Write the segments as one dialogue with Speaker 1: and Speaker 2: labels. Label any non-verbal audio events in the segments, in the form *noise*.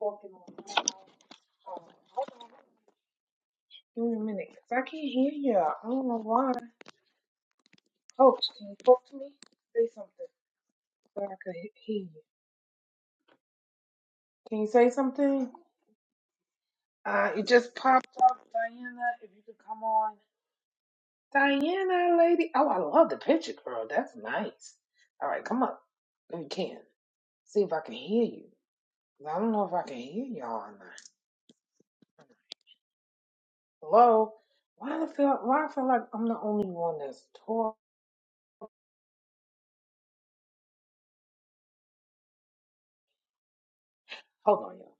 Speaker 1: Pokemon. Give me a minute, cause I can't hear y'all. I don't know why. Coach, can you talk to me? Say something so I could he- hear you. Can you say something? Uh, it just popped up, Diana. If you could come on, Diana, lady. Oh, I love the picture, girl. That's nice. All right, come up if you can. See if I can hear you. 'Cause I don't know if I can hear y'all or not. Hello. Why I feel? Why I feel like I'm the only one that's talk? Hold on, y'all.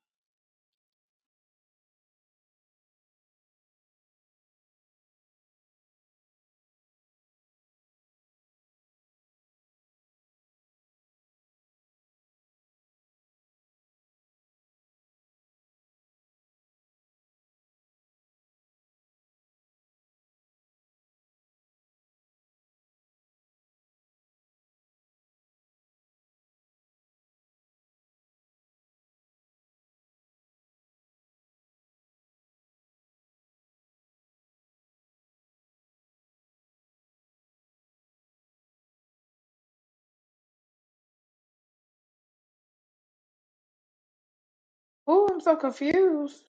Speaker 1: Ooh, I'm so confused.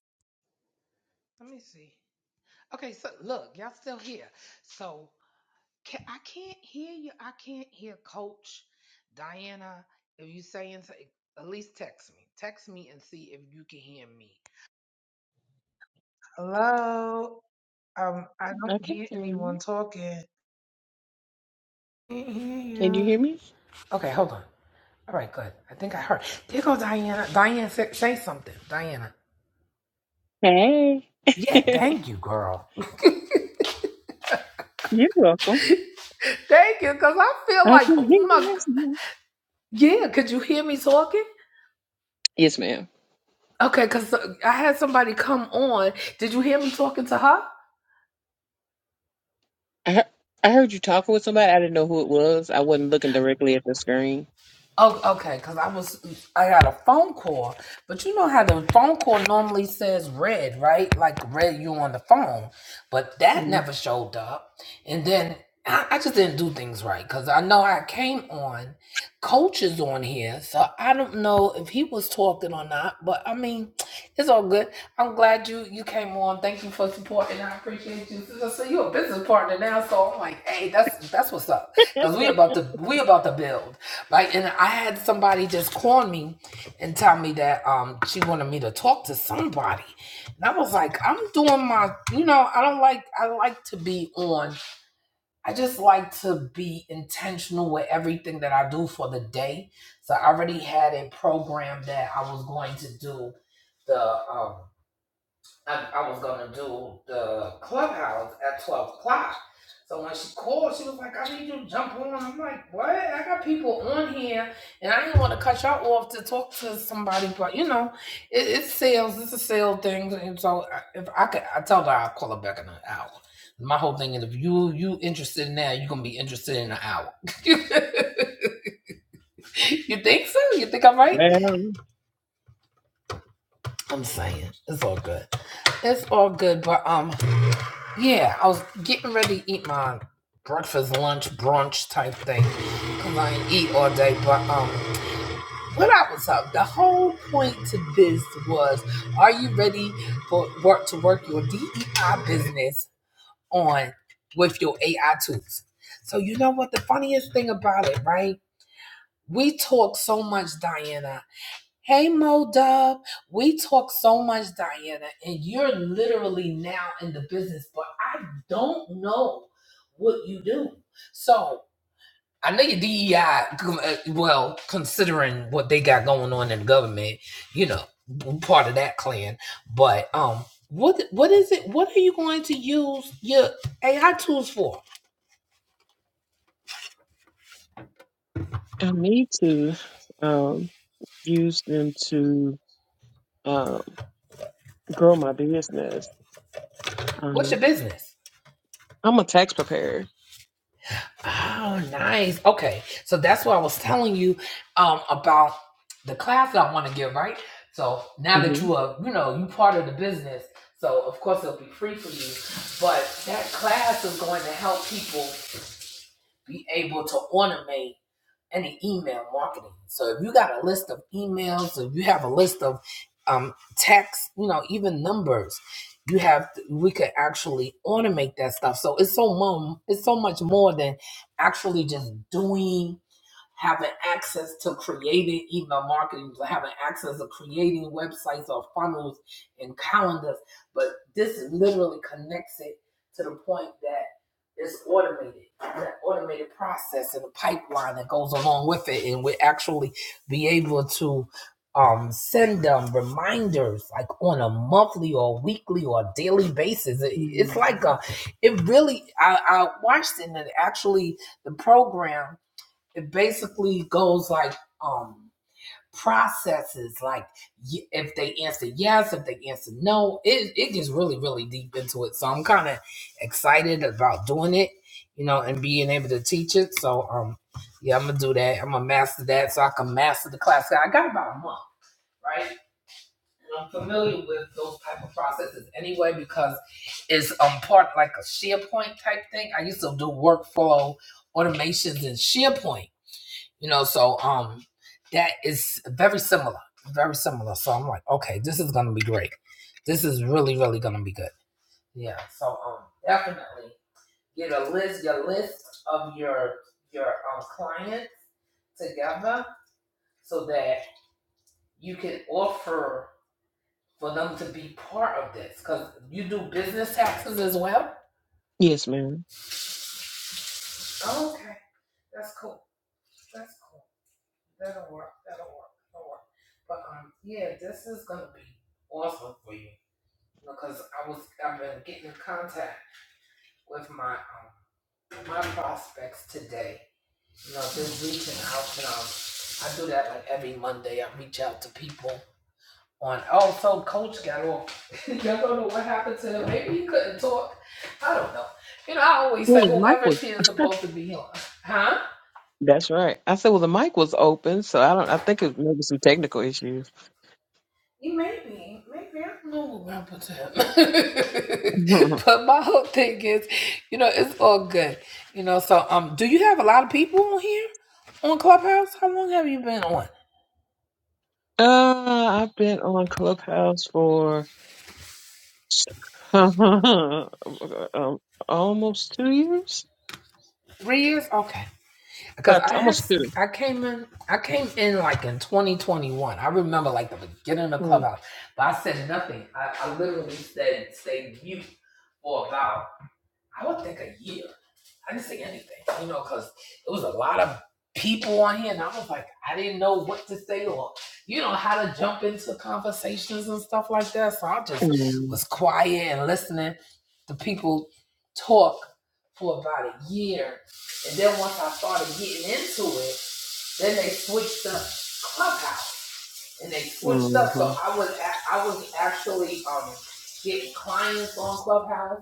Speaker 1: Let me see. Okay, so look, y'all still here. So can, I can't hear you. I can't hear Coach Diana. If you saying something, at least text me. Text me and see if you can hear me. Hello. Um, I don't
Speaker 2: I can
Speaker 1: hear
Speaker 2: hear
Speaker 1: anyone
Speaker 2: you.
Speaker 1: talking. Can't hear
Speaker 2: Can you
Speaker 1: you.
Speaker 2: hear me?
Speaker 1: Okay, hold on. All right, good. I think I heard. There goes Diana. Diana, say, say something. Diana.
Speaker 2: Hey. *laughs*
Speaker 1: Yeah, thank you, girl. *laughs*
Speaker 2: You're welcome.
Speaker 1: thank you, cause I feel
Speaker 2: I
Speaker 1: like,
Speaker 2: can hear
Speaker 1: oh my. g-
Speaker 2: you.
Speaker 1: Yeah, could you hear me talking?
Speaker 2: Yes, ma'am.
Speaker 1: Okay, because I had somebody come on. Did you hear me talking to her?
Speaker 2: I heard, I heard you talking with somebody. I didn't know who it was. I wasn't looking directly at the screen.
Speaker 1: Oh, okay, because I was I got a phone call, but you know how the phone call normally says red, right? Like red, you on the phone, but that
Speaker 2: Mm,
Speaker 1: never showed up. And then I, I just didn't do things right because I know I came on, coach is on here, so I don't know if he was talking or not. But I mean, it's all good. I'm glad you you came on. Thank you for supporting. I appreciate you. So, so you're a business partner now, so I'm like, hey, that's that's what's up because we about to we about to build. Like, and I had somebody just call me and tell me that um she wanted me to talk to somebody, and I was like, I'm doing my, you know, I don't like, I like to be on. I just like to be intentional with everything that I do for the day. So I already had a program that I was going to do the um I, I was gonna do the clubhouse at twelve o'clock. So when she called, she was like, "I need you to jump on." I'm like, "What? I got people on here, and I didn't want to cut y'all off to talk to somebody, but you know, it, it's sales. It's a sale thing, and so I- if I could, I tell her I'll call her back in an hour. My whole thing is, if you you interested in that, you're gonna be interested in an hour. *laughs* you think so? You think I'm right?
Speaker 2: Well,
Speaker 1: I'm saying it's all good. It's all good, but um. Yeah, I was getting ready to eat my breakfast, lunch, brunch type thing. Cause I ain't eat all day. But um, what I was up. The whole point to this was: Are you ready for work to work your DEI business on with your AI tools? So you know what? The funniest thing about it, right? We talk so much, Diana, Hey Mo Dub, we talk so much, Diana, and you're literally now in the business, but I don't know what you do. So I know your DEI, com- uh, well, considering what they got going on in the government, you know, I'm part of that clan. But um, what what is it? What are you going to use your AI tools for?
Speaker 2: I need to um, use them to um, grow my business.
Speaker 1: What's
Speaker 2: Um,
Speaker 1: your business?
Speaker 2: I'm a tax preparer.
Speaker 1: Oh, nice. Okay. So that's what I was telling you um, about the class that I want to give, right? So now that
Speaker 2: hmm
Speaker 1: you are, you know, you part of the business, so of course it'll be free for you. But that class is going to help people be able to automate any email marketing. So if you got a list of emails, if you have a list of um, texts, you know, even numbers, you have to, we could actually automate that stuff. So it's so mum, it's so much more than actually just doing having access to creating email marketing, having access to creating websites or funnels and calendars. But this literally connects it to the point that it's automated, that automated process and the pipeline that goes along with it. And we actually be able to um, send them reminders like on a monthly or weekly or daily basis. It- it's like a, it really, I, I watched it and it actually, the program it basically goes like um processes like if they answer yes if they answer no it, it gets really really deep into it so i'm kind of excited about doing it you know and being able to teach it so um yeah i'm gonna do that i'm gonna master that so i can master the class i got about a month right And I'm familiar with those type of processes anyway because it's um part like a SharePoint type thing. I used to do workflow automations in SharePoint, you know so um that is very similar very similar so i'm like okay this is gonna be great this is really really gonna be good yeah so um definitely get a list your list of your your um clients together so that you can offer for them to be part of this because you do business taxes as well
Speaker 2: Yes, ma'am.
Speaker 1: Oh, okay that's cool that's cool that'll work that'll work that'll work but um yeah this is gonna be awesome for you because I was I've been getting in contact with my um, my prospects today. You know, just reaching out and um, I do that like every Monday. I reach out to people on. Oh, so Coach got off. *laughs* Y'all don't know what happened to him. Maybe he couldn't talk. I don't know. You know, I always
Speaker 2: Well,
Speaker 1: say
Speaker 2: the mic
Speaker 1: whoever
Speaker 2: was.
Speaker 1: she is supposed to be on, huh?
Speaker 2: That's right. I said, well, the mic was open, so I don't. I think it was maybe some technical issues.
Speaker 1: You may be. Maybe I don't know what happened *laughs*
Speaker 2: *laughs*
Speaker 1: but my whole thing is, you know, it's all good. You know, so um do you have a lot of people on here on Clubhouse? How long have you been on?
Speaker 2: Uh, I've been on Clubhouse for *laughs* um, almost two years.
Speaker 1: Three years? Okay. Because
Speaker 2: About
Speaker 1: I
Speaker 2: almost
Speaker 1: has
Speaker 2: 2
Speaker 1: I came in I came in like in 2021. I remember like the beginning of Clubhouse. But I said nothing. I, I literally said stay mute for about I would think a year. I didn't see anything, you know, because it was a lot of people on here, and I was like, I didn't know what to say or, you know, how to jump into conversations and stuff like that. So I just
Speaker 2: Mm-hmm.
Speaker 1: was quiet and listening to people talk for about a year. And then once I started getting into it, then they switched up Clubhouse and they switched up. So
Speaker 2: And
Speaker 1: I was a- I was actually um getting clients on Clubhouse,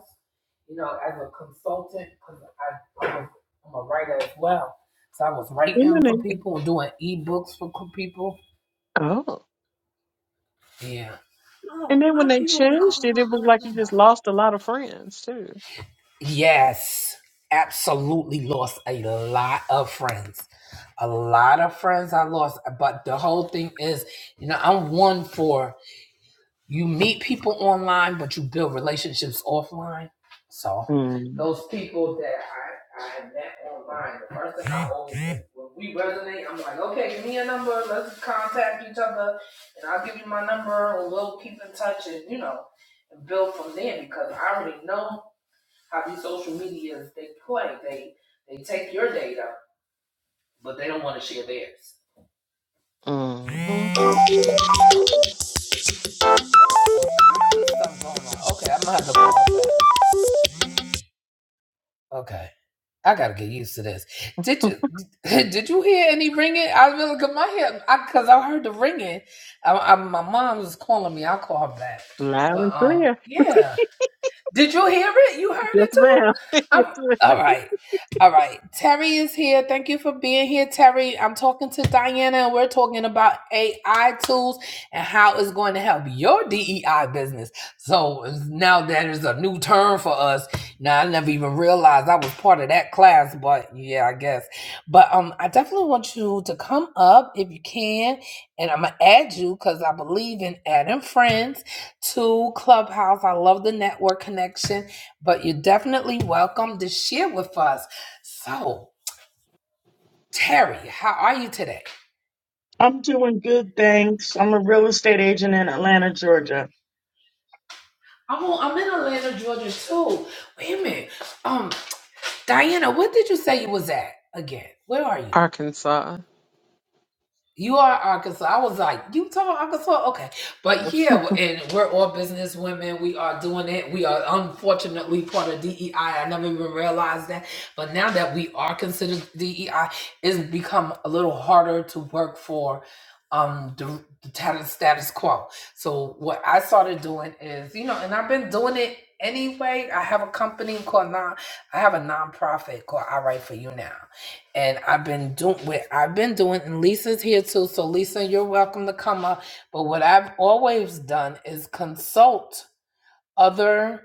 Speaker 1: you know, as a consultant because I I was- I'm a writer as well. So I was
Speaker 2: then
Speaker 1: writing for
Speaker 2: they,
Speaker 1: people and doing ebooks for co- people.
Speaker 2: oh,
Speaker 1: Yeah.
Speaker 2: and
Speaker 1: Oh,
Speaker 2: then when
Speaker 1: why
Speaker 2: they
Speaker 1: people be
Speaker 2: changed
Speaker 1: calling
Speaker 2: it,
Speaker 1: my
Speaker 2: it was
Speaker 1: own
Speaker 2: like you
Speaker 1: number?
Speaker 2: just lost a lot of friends too.
Speaker 1: Yes, absolutely lost a lot of friends. A lot of friends I lost, but the whole thing is, you know, I'm one for You meet people online, but you build relationships offline. So
Speaker 2: Mm-hmm.
Speaker 1: those people that I, I had met online, the first thing I always did, when we resonate, I'm like, okay, give me a number, let's contact each other, and I'll give you my number, and we'll keep in touch, and you know, and build from there because I already know how these social medias they play. They they take your data, but they don't want to share theirs. Something's going on. Okay, I'm gonna have to. Okay. I gotta get used to this. Did you *laughs* did you hear any ringing? I really got my head I because I heard the ringing. I, I, my mom was calling me. I'll call her back.
Speaker 2: Loud
Speaker 1: But
Speaker 2: and
Speaker 1: um,
Speaker 2: clear. *laughs*
Speaker 1: yeah. Did you hear it? You heard
Speaker 2: Yes,
Speaker 1: it too?
Speaker 2: ma'am. *laughs*
Speaker 1: I'm
Speaker 2: Yes,
Speaker 1: all
Speaker 2: ma'am.
Speaker 1: right. All right. Terry is here. Thank you for being here, Terry. I'm talking to Diana and we're talking about AI tools and how it's going to help your DEI business. So now that is a new term for us. Now I never even realized I was part of that class, but yeah, I guess. But um I definitely want you to come up if you can and I'm gonna add you because I believe in adding friends to Clubhouse. I love the network connection, but you're definitely welcome to share with us. So, Terry, how are you today?
Speaker 3: I'm doing good, thanks. I'm a real estate agent in Atlanta, Georgia.
Speaker 1: I'm, on, I'm in Atlanta, Georgia too. Wait a minute. Um, Diana, where did you say you was at again? Where are you?
Speaker 2: Arkansas.
Speaker 1: You are Arkansas. I was like, you talking Arkansas? Okay. But yeah, and we're all business women. We are doing it. We are unfortunately part of DEI. I I never even realized that. But now that we are considered DEI, it's become a little harder to work for um the, the tat- status quo. So what I started doing is, you know, and I've been doing it anyway. I have a company called non I have a nonprofit called I Write For You Now and I've been doing what I've been doing, and Lisa's here too. So Lisa, you're welcome to come up. But what I've always done is consult other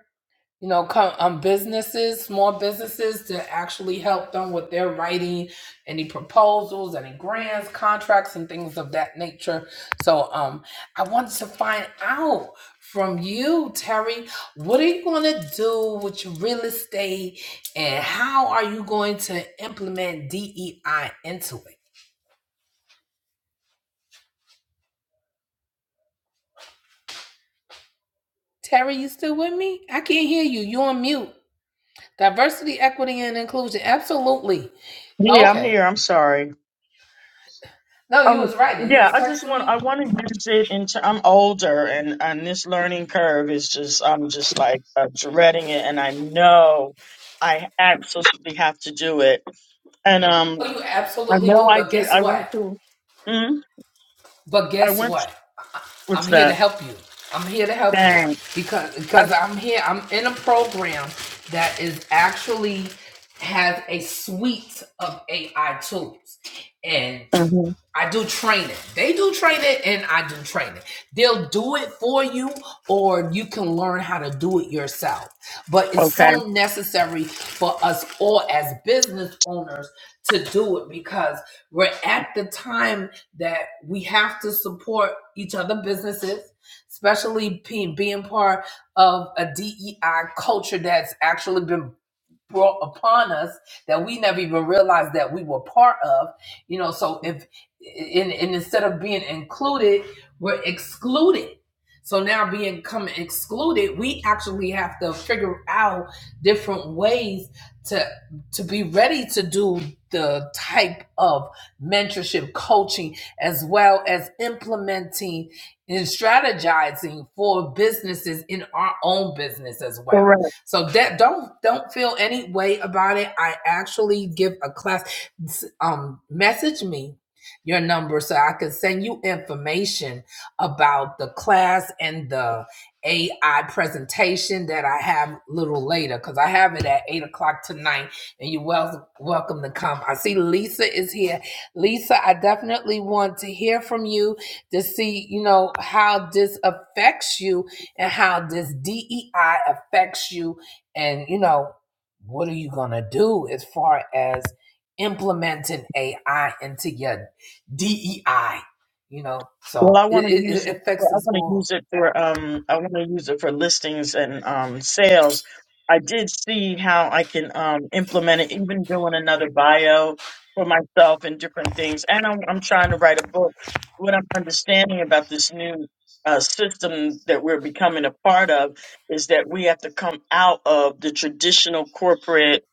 Speaker 1: you know, come um, businesses, small businesses to actually help them with their writing, any proposals, any grants, contracts, and things of that nature. So, um, I wanted to find out from you, Terry, what are you going to do with your real estate and how are you going to implement DEI into it? Terry, you still with me? I can't hear you. You're on mute. Diversity, equity, and inclusion. Absolutely.
Speaker 3: Yeah, I'm
Speaker 1: Okay.
Speaker 3: here. I'm sorry.
Speaker 1: No, you
Speaker 3: Um,
Speaker 1: was writing. You
Speaker 3: yeah,
Speaker 1: was
Speaker 3: I just
Speaker 1: texting
Speaker 3: want
Speaker 1: me.
Speaker 3: I want to use it into. I'm older, and and this learning curve is just I'm just like uh, dreading it, and I know I absolutely have to do it. And um,
Speaker 1: Oh, you
Speaker 3: I
Speaker 1: absolutely
Speaker 3: know
Speaker 1: do.
Speaker 3: I
Speaker 1: But
Speaker 3: did.
Speaker 1: guess
Speaker 3: I went
Speaker 1: what?
Speaker 3: to. Hmm.
Speaker 1: But
Speaker 3: I
Speaker 1: guess
Speaker 3: went.
Speaker 1: what? I- I- am
Speaker 3: What's
Speaker 1: here to
Speaker 3: that?
Speaker 1: help you. I'm here to help you
Speaker 3: Dang.
Speaker 1: because
Speaker 3: I,
Speaker 1: because I'm here. I'm in a program that is actually has a suite of AI tools, and
Speaker 3: mhm,
Speaker 1: I do training. They do training and I do training. They'll do it for you or you can learn how to do it yourself. But it's
Speaker 3: Okay.
Speaker 1: so necessary for us all as business owners to do it because we're at the time that we have to support each other businesses, especially being, being part of a DEI culture that's actually been brought upon us that we never even realized that we were part of you know so if and, and instead of being included we're excluded so now being come excluded we actually have to figure out different ways to to be ready to do the type of mentorship coaching as well as implementing and strategizing for businesses in our own business as well so that don't don't feel any way about it. I actually give a class. Um, message me your number so I can send you information about the class and the AI presentation that I have a little later because I have it at eight o'clock tonight. And you're well welcome to come. I see Lisa is here. Lisa, I definitely want to hear from you to see, you know, how this affects you and how this DEI affects you and you know what are you going to do as far as implementing AI into your DEI you know
Speaker 3: Well,
Speaker 1: so
Speaker 3: I
Speaker 1: it,
Speaker 3: want to use
Speaker 1: it, it
Speaker 3: it. For,
Speaker 1: affects
Speaker 3: I
Speaker 1: us
Speaker 3: want to
Speaker 1: all
Speaker 3: use it for. Um, I want to use it for listings and um sales. I did see how I can um implement it, even doing another bio for myself and different things. And I'm I'm trying to write a book. What I'm understanding about this new uh, system that we're becoming a part of is that we have to come out of the traditional corporate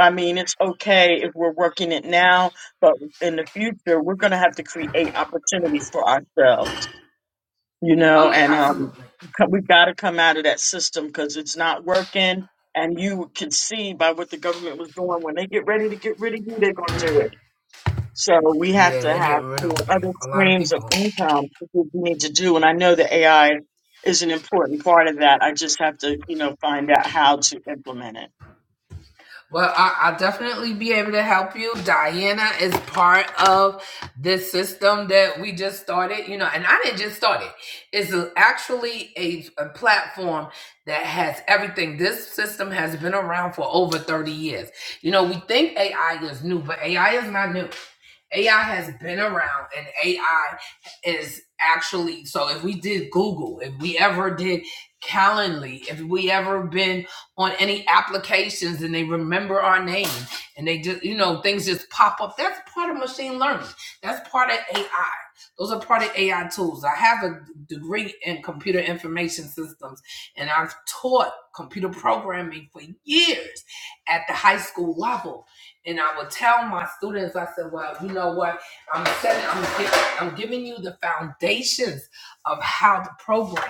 Speaker 3: I mean, it's okay if we're working it now, in the future, we're going to have to create opportunities for ourselves, you know,
Speaker 1: oh yeah
Speaker 3: and um,
Speaker 1: absolutely
Speaker 3: co- we got to come out of that system because it's not working. And you can see by what the government was doing when they get ready to get rid of you, they're going to do it. So we have
Speaker 1: yeah
Speaker 3: to
Speaker 1: they're
Speaker 3: have
Speaker 1: getting rid
Speaker 3: you
Speaker 1: of
Speaker 3: know, other
Speaker 1: a lot of
Speaker 3: streams of
Speaker 1: people
Speaker 3: income to do what we need to do. And I know that AI is an important part of that. I just have to, you know, find out how to implement it.
Speaker 1: Well, I, I'll definitely be able to help you. Diana is part of this system that we just started, you know, and I didn't just start it. It's a- actually a, a platform that has everything. This system has been around for over 30 years. You know, we think AI is new, but AI is not new. AI has been around and AI is actually so if we did Google, if we ever did Calendly, if we ever been on any applications and they remember our name and they just, you know, things just pop up. That's part of machine learning. That's part of AI. Those are part of AI tools. I have a degree in computer information systems and I've taught computer programming for years at the high school level. And I would tell my students, I said, well, you know what? I'm setting, I'm, gi- I'm giving you the foundations of how to program,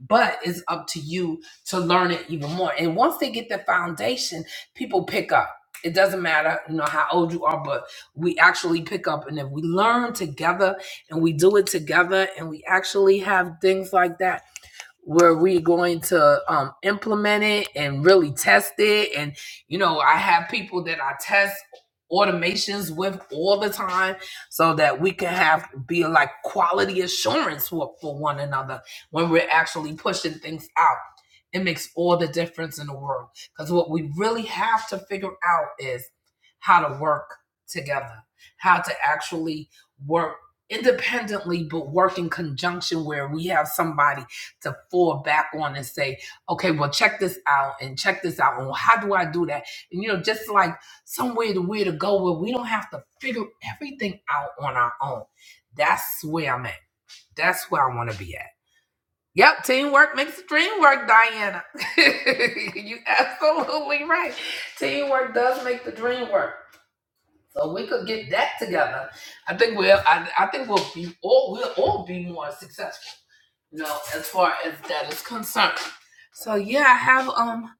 Speaker 1: but it's up to you to learn it even more. And once they get the foundation, people pick up. It doesn't matter, you know, how old you are, but we actually pick up. And if we learn together and we do it together and we actually have things like that where we going to um, implement it and really test it and you know i have people that i test automations with all the time so that we can have be like quality assurance for, for one another when we're actually pushing things out it makes all the difference in the world because what we really have to figure out is how to work together how to actually work independently but work in conjunction where we have somebody to fall back on and say, okay, well, check this out and check this out. And how do I do that? And, you know, just like somewhere to where to go where we don't have to figure everything out on our own. That's where I'm at. That's where I want to be at. Yep, teamwork makes the dream work, Diana. *laughs* you absolutely right. Teamwork does make the dream work. So we could get that together. I think we'll. I, I think we'll be all. We'll all be more successful. No, as far as that is concerned. So yeah, I have um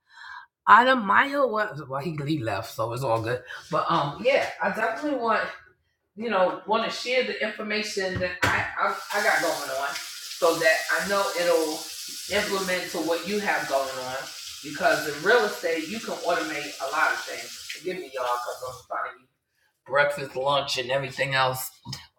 Speaker 1: Adamayo. Well, well, he he left, so it's all good. But um, yeah, I definitely want you know want to share the information that I, I I got going on, so that I know it'll implement to what you have going on. Because in real estate, you can automate a lot of things. Forgive me, y'all, because I'm trying to breakfast, lunch, and everything else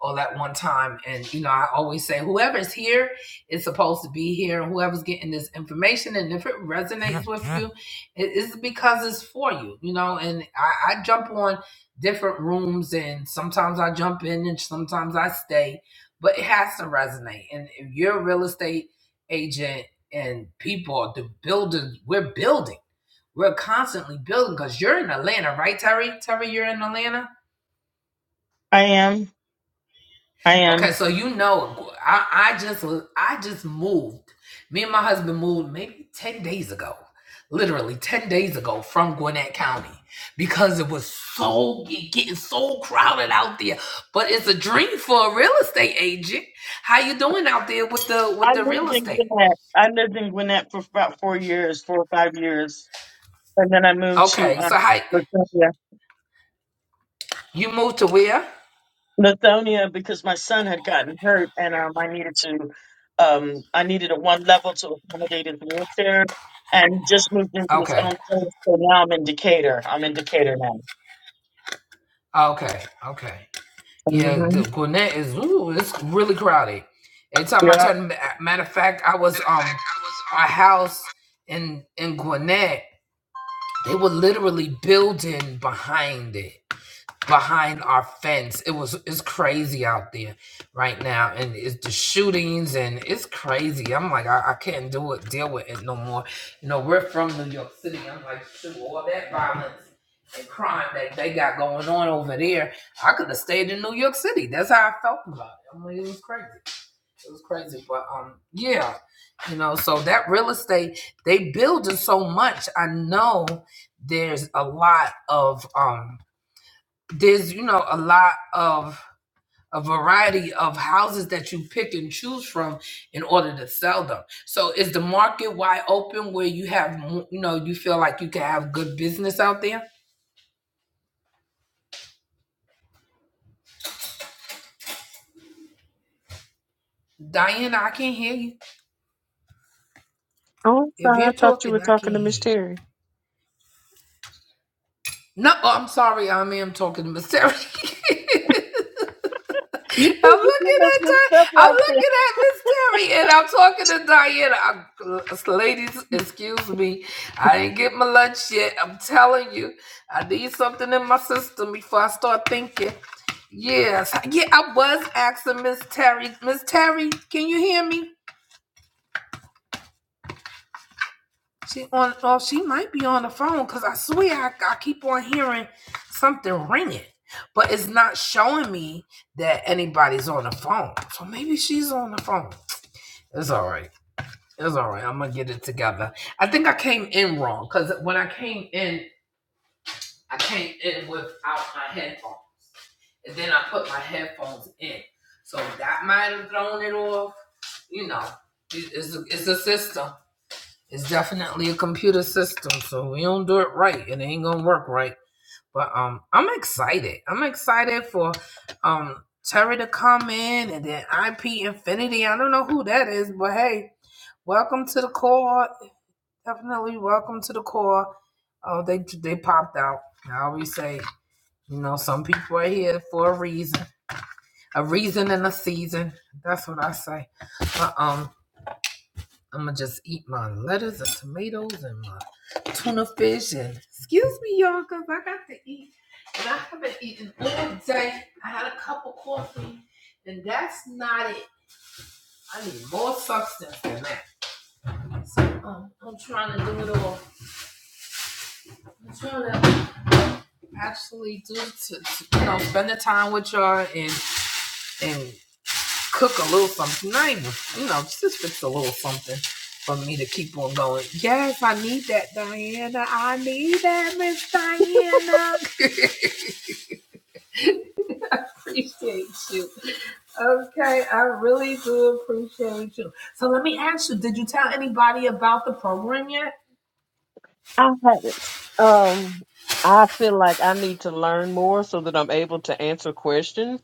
Speaker 1: all at one time. And you know, I always say whoever's here is supposed to be here, and whoever's getting this information, and if it resonates *laughs* with you, it is because it's for you. You know, and I, I jump on different rooms, and sometimes I jump in, and sometimes I stay, but it has to resonate. And if you're a real estate agent and people, the builders, we're building. We're constantly building because you're in Atlanta, right, Terry? Terry, you're in Atlanta?
Speaker 3: I am. I am.
Speaker 1: Okay, so you know, I, I just was- I just moved. Me and my husband moved maybe ten days ago, literally ten days ago from Gwinnett County because it was so it getting so crowded out there. But it's a dream for a real estate agent. How you doing out there with the with
Speaker 3: I
Speaker 1: the real
Speaker 3: lived in
Speaker 1: estate?
Speaker 3: Gwinnett. I lived in Gwinnett for about four years, four or five years, and then I moved to
Speaker 1: Okay,
Speaker 3: um,
Speaker 1: so how
Speaker 3: Lithonia.
Speaker 1: you moved to where?
Speaker 3: Lithonia because my son had gotten hurt, and um, I needed to, um, I needed a one level to accommodate his wheelchair, and just moved into his
Speaker 1: Okay,
Speaker 3: own place. So now I'm in Decatur. I'm in Decatur now.
Speaker 1: okay, okay. Yeah, the
Speaker 3: hmm
Speaker 1: Gwinnett is ooh, it's really crowded. Every time I
Speaker 3: Yeah.
Speaker 1: turn, matter of fact, I was um, our house in in Gwinnett, they were literally building behind it behind our fence. It was it's crazy out there right now, and it's the shootings and it's crazy. I'm like I, I can't do it, deal with it no more. You know, we're from New York City. I'm like shoot all that violence. And crime that they got going on over there. I could have stayed in New York City. That's how I felt about it. I am like, it was crazy. It was crazy. But um, yeah, you know, so that real estate, they building so much. I know there's a lot of um there's you know a lot of a variety of houses that you pick and choose from in order to sell them. So is the market wide open where you have mo- you know you feel like you can have good business out there? Diana, I can't hear you.
Speaker 2: Oh, I'm
Speaker 1: If
Speaker 2: sorry.
Speaker 1: you're
Speaker 2: I thought you
Speaker 1: talking,
Speaker 2: were
Speaker 1: I
Speaker 2: talking
Speaker 1: can't
Speaker 2: to
Speaker 1: hear
Speaker 2: Miss
Speaker 1: you.
Speaker 2: Terry.
Speaker 1: No, oh, I'm sorry. I am talking to Miss Terry. *laughs* I'm
Speaker 2: You keep getting
Speaker 1: looking
Speaker 2: us
Speaker 1: at
Speaker 2: mixed
Speaker 1: Di-
Speaker 2: up
Speaker 1: I'm
Speaker 2: like
Speaker 1: looking at Miss Terry, and I'm talking to Diana. i ladies, excuse me. I didn't get my lunch yet. I'm telling you, I need something in my system before I start thinking. Yes, yeah, I was asking Miss Terry. Miss Terry, can you hear me? She on oh she might be on the phone because I swear I, I keep on hearing something ringing, but it's not showing me that anybody's on the phone. So maybe she's on the phone. It's all right. It's all right. I'm gonna get it together. I think I came in wrong because when I came in, I came in without my headphones, and then I put my headphones in. So that might have thrown it off. You know, it's a, it's a system. It's definitely a computer system, so we don't do it right. It ain't gonna work right. But um, I'm excited. I'm excited for um Terry to come in and then IP Infinity. I don't know who that is, but hey, welcome to the core. Definitely welcome to the core. Oh, they they popped out. I always say, you know, some people are here for a reason, a reason and a season. That's what I say. But um, I'm gonna just eat my lettuce and tomatoes and my tuna fish and excuse me, y'all, cause I got to eat. And I haven't eaten all day. I had a cup of coffee, and that's not it. I need more substance than that. So um, I'm trying to do it all. I'm trying to actually do to, to you know spend the time with y'all and and cook a little something, not even, you know, just fix a little something for me to keep on going. Yes, I need that, Diana. I need that, Miss Diana. *laughs* Appreciate you. Okay, I really do appreciate you. So let me ask you, did you tell anybody about the program yet?
Speaker 2: I haven't. Um, I feel like I need to learn more so that I'm able to answer questions.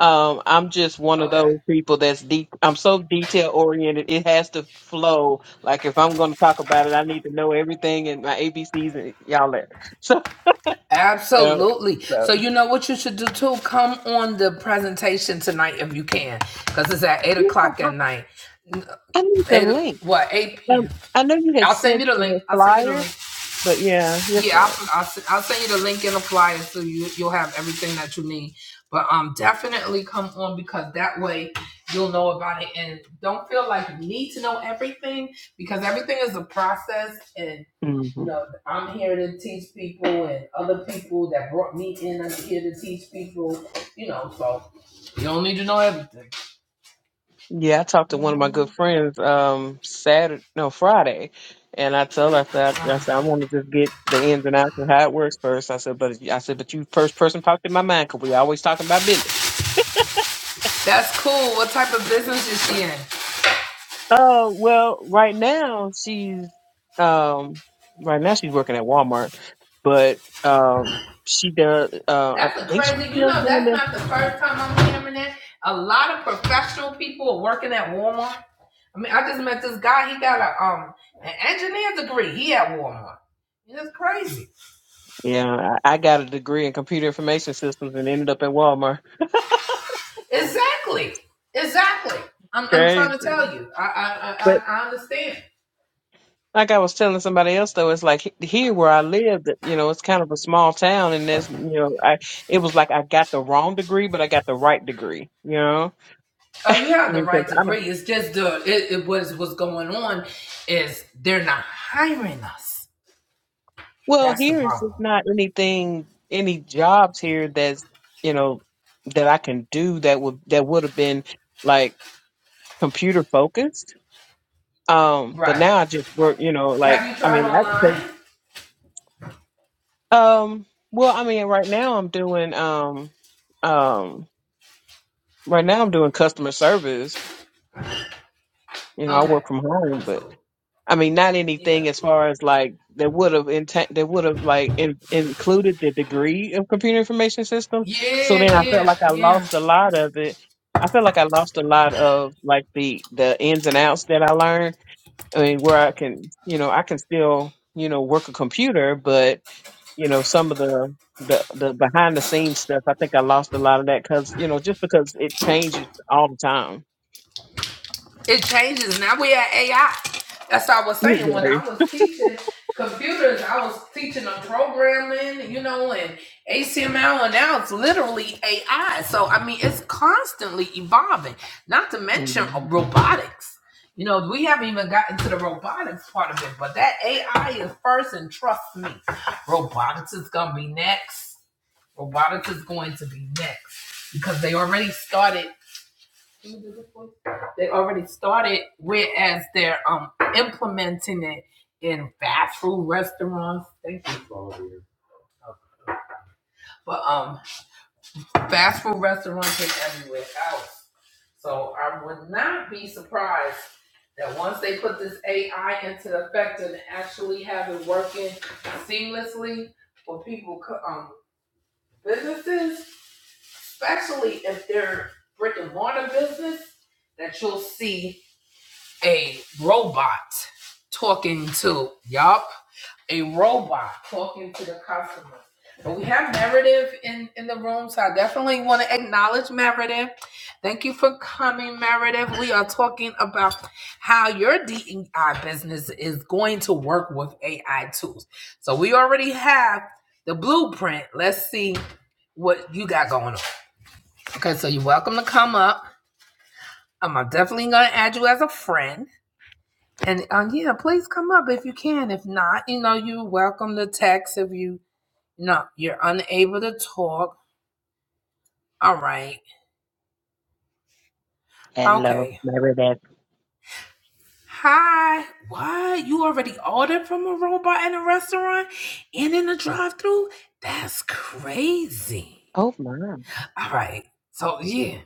Speaker 2: Um, I'm just one of
Speaker 1: Okay.
Speaker 2: those people that's deep. I'm so detail oriented. It has to flow. Like if I'm going to talk about it, I need to know everything and my ABCs and y'all that. *laughs* So, you know,
Speaker 1: Absolutely.
Speaker 2: so
Speaker 1: So you know what you should do too? Come on the presentation tonight if you can, because it's at eight
Speaker 2: yeah,
Speaker 1: o'clock
Speaker 2: I,
Speaker 1: at night.
Speaker 2: I need the
Speaker 1: Eight,
Speaker 2: link.
Speaker 1: what eight
Speaker 2: Um,
Speaker 1: p.m.
Speaker 2: I know you had
Speaker 1: I'll send
Speaker 2: sent
Speaker 1: you the link.
Speaker 2: the
Speaker 1: I'll send you the
Speaker 2: flyer,
Speaker 1: link.
Speaker 2: but yeah, yes,
Speaker 1: Yeah, I'll, I'll, s- I'll send you the link and the flyer so you you'll have everything that you need. But um, definitely come on because that way you'll know about it and don't feel like you need to know everything because everything is a process and
Speaker 2: ma'am.
Speaker 1: you
Speaker 2: hmm
Speaker 1: know I'm here to teach people and other people that brought me in are here to teach people. You know, so you don't need to know everything.
Speaker 2: Yeah, I talked to
Speaker 1: No,
Speaker 2: one of my
Speaker 1: mommy.
Speaker 2: good friends um Saturday, no Friday, and I told her I said
Speaker 1: Um,
Speaker 2: I said I want to just get the ins and outs of how it works first. I said, but I said, but you first person popped in my mind because we always talking about business.
Speaker 1: that's cool. What type of business is she in?
Speaker 2: Uh, well, right now she's um right now she's working at Walmart, but um she does uh I
Speaker 1: That's a
Speaker 2: think she's
Speaker 1: crazy. You
Speaker 2: still
Speaker 1: know,
Speaker 2: doing
Speaker 1: that's
Speaker 2: that
Speaker 1: not the first time I'm hearing that. A lot of professional people are working at Walmart. I mean, I just met this guy. He got a um an engineer degree. He at Walmart. It's crazy.
Speaker 2: Yeah, I I got a degree in computer information systems and ended up at Walmart.
Speaker 1: Exactly. Exactly. I'm I'm
Speaker 2: Crazy.
Speaker 1: trying to tell you. I I I,
Speaker 2: But
Speaker 1: I I understand.
Speaker 2: like I was telling somebody else though, it's like he- here where I live, that, you know, it's kind of a small town and there's, you know, I it was like I got the wrong degree, but I got the right degree, you know?
Speaker 1: Oh, you
Speaker 2: I
Speaker 1: have the
Speaker 2: mean, 'cause
Speaker 1: right
Speaker 2: I don't
Speaker 1: degree. It's just the it, it was what's going on is they're not hiring us.
Speaker 2: well,
Speaker 1: That's the
Speaker 2: here it's just
Speaker 1: problem.
Speaker 2: not anything any jobs here that's, you know, that I can do that would that would have been like computer focused. Um, but
Speaker 1: Right.
Speaker 2: now I just work, you know, like
Speaker 1: Have you
Speaker 2: I
Speaker 1: tried
Speaker 2: mean,
Speaker 1: online?
Speaker 2: Um, well, I mean, right now I'm doing um um right now I'm doing customer service. You know, I
Speaker 1: Okay.
Speaker 2: work from home,
Speaker 1: That's
Speaker 2: but
Speaker 1: cool.
Speaker 2: I mean, not
Speaker 1: Yeah.
Speaker 2: anything as far as like that would have intent that would have like in- included the degree of computer information systems. So then
Speaker 1: Yeah,
Speaker 2: I felt
Speaker 1: yeah,
Speaker 2: like I
Speaker 1: yeah.
Speaker 2: lost a lot of it. I felt like I lost a lot of like the the ins and outs that I learned. I mean, where I can, you know, I can still, you know, work a computer, but you know some of the the the behind the scenes stuff i think i lost a lot of that because you know just because it changes all the time
Speaker 1: It changes. Now we at AI. That's what I was
Speaker 2: *laughs*
Speaker 1: saying. When
Speaker 2: right.
Speaker 1: I was teaching computers, I was teaching them programming, you know, and HTML, and now it's literally AI. So, I mean, it's constantly evolving, not to mention uh,
Speaker 2: Mhm.
Speaker 1: robotics. You know, we haven't even gotten to the robotics part of it, but that AI is first, and trust me, robotics is going to be next. Robotics is going to be next because they already started They already started, whereas they're um implementing it in fast food restaurants. Thank you, Claudia. But um, fast food restaurants and everywhere else. So I would not be surprised that once they put this AI into effect and actually have it working seamlessly for people, co- um, businesses, especially if they're brick and mortar business, that you'll see a robot talking to yup a robot talking to the customer but we have Meredith in in the room so i definitely want to acknowledge meredith thank you for coming meredith we are talking about how your dei business is going to work with ai tools so we already have the blueprint let's see what you got going on okay so you're welcome to come up Um, i'm definitely going to add you as a friend and um, yeah, please come up if you can. If not, you know, you're welcome to text if you no, you're unable to talk. All right.
Speaker 2: hello
Speaker 1: Okay.
Speaker 2: my bad
Speaker 1: Hi. What? You already ordered from a robot in a restaurant and in a drive through? That's crazy.
Speaker 2: oh my
Speaker 1: All right. So yeah.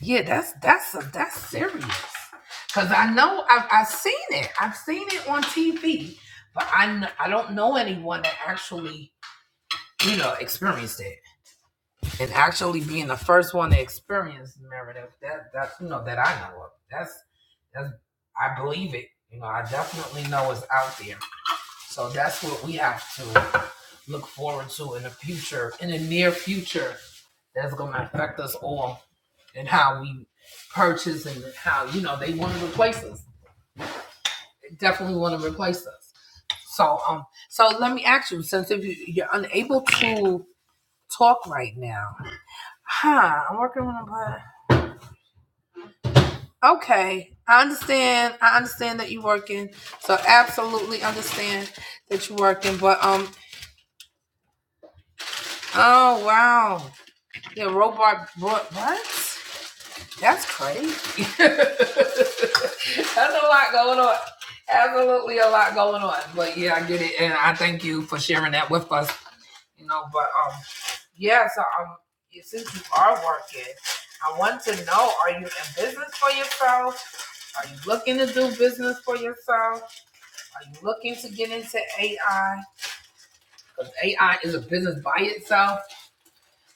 Speaker 1: Yeah, that's that's a, that's serious. Cause I know I've I've seen it. I've seen it on TV, but I kn- I don't know anyone that actually, you know, experienced it. and actually being the first one to experience narrative that that you know that I know of. That's that's I believe it. You know, I definitely know it's out there. So that's what we have to look forward to in the future, in the near future. That's gonna affect us all and how we purchase and how you know they want to replace us. They definitely want to replace us. So um, so let me ask you, since if you, you're unable to talk right now, huh? I'm working on a Okay, I understand. I understand that you're working. So absolutely understand that you're working. But um, oh wow, yeah, robot. What? What? That's crazy. *laughs* That's a lot going on. Absolutely a lot going on. But yeah, I get it, and I thank you for sharing that with us. You know, but um, yeah. So um, yeah, since you are working, I want to know: Are you in business for yourself? Are you looking to do business for yourself? Are you looking to get into AI? Because AI is a business by itself,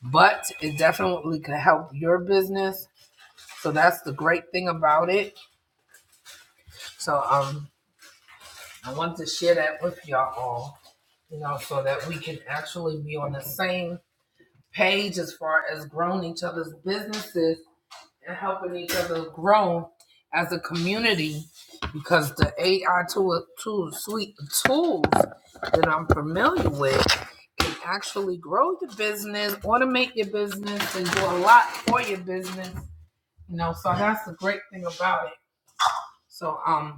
Speaker 1: but it definitely can help your business. So that's the great thing about it. So um, I want to share that with y'all all, you know, so that we can actually be on the same page as far as growing each other's businesses and helping each other grow as a community because the AI tool, tool suite of tools that I'm familiar with can actually grow your business, automate your business, and do a lot for your business. You know, so that's the great thing about it. So um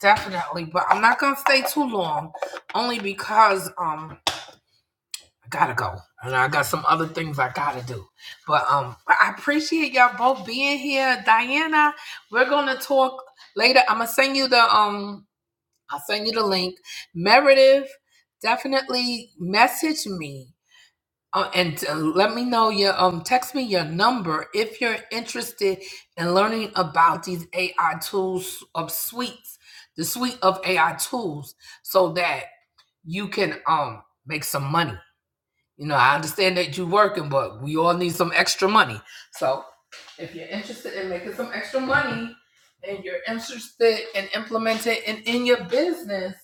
Speaker 1: definitely, but I'm not gonna stay too long, only because um I gotta go. And I got some other things I gotta do. But um I appreciate y'all both being here. Diana, we're gonna talk later. I'm gonna send you the um I'll send you the link. Meredith, definitely message me. Uh, and uh, let me know your um text me your number if you're interested in learning about these AI tools of suites, the suite of AI tools so that you can um make some money you know, I understand that you're working, but we all need some extra money. So if you're interested in making some extra money and you're interested in implementing it in your business,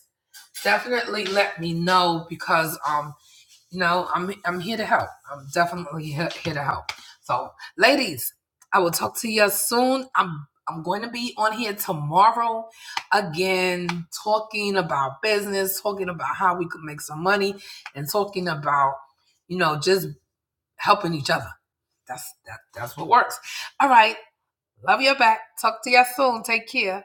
Speaker 1: definitely let me know because um no, I'm I'm here to help. I'm definitely here, here to help. So, ladies, I will talk to you soon. I'm I'm going to be on here tomorrow again talking about business, talking about how we could make some money and talking about, you know, just helping each other. That's that that's what works. All right. Love you back. Talk to you soon. Take care.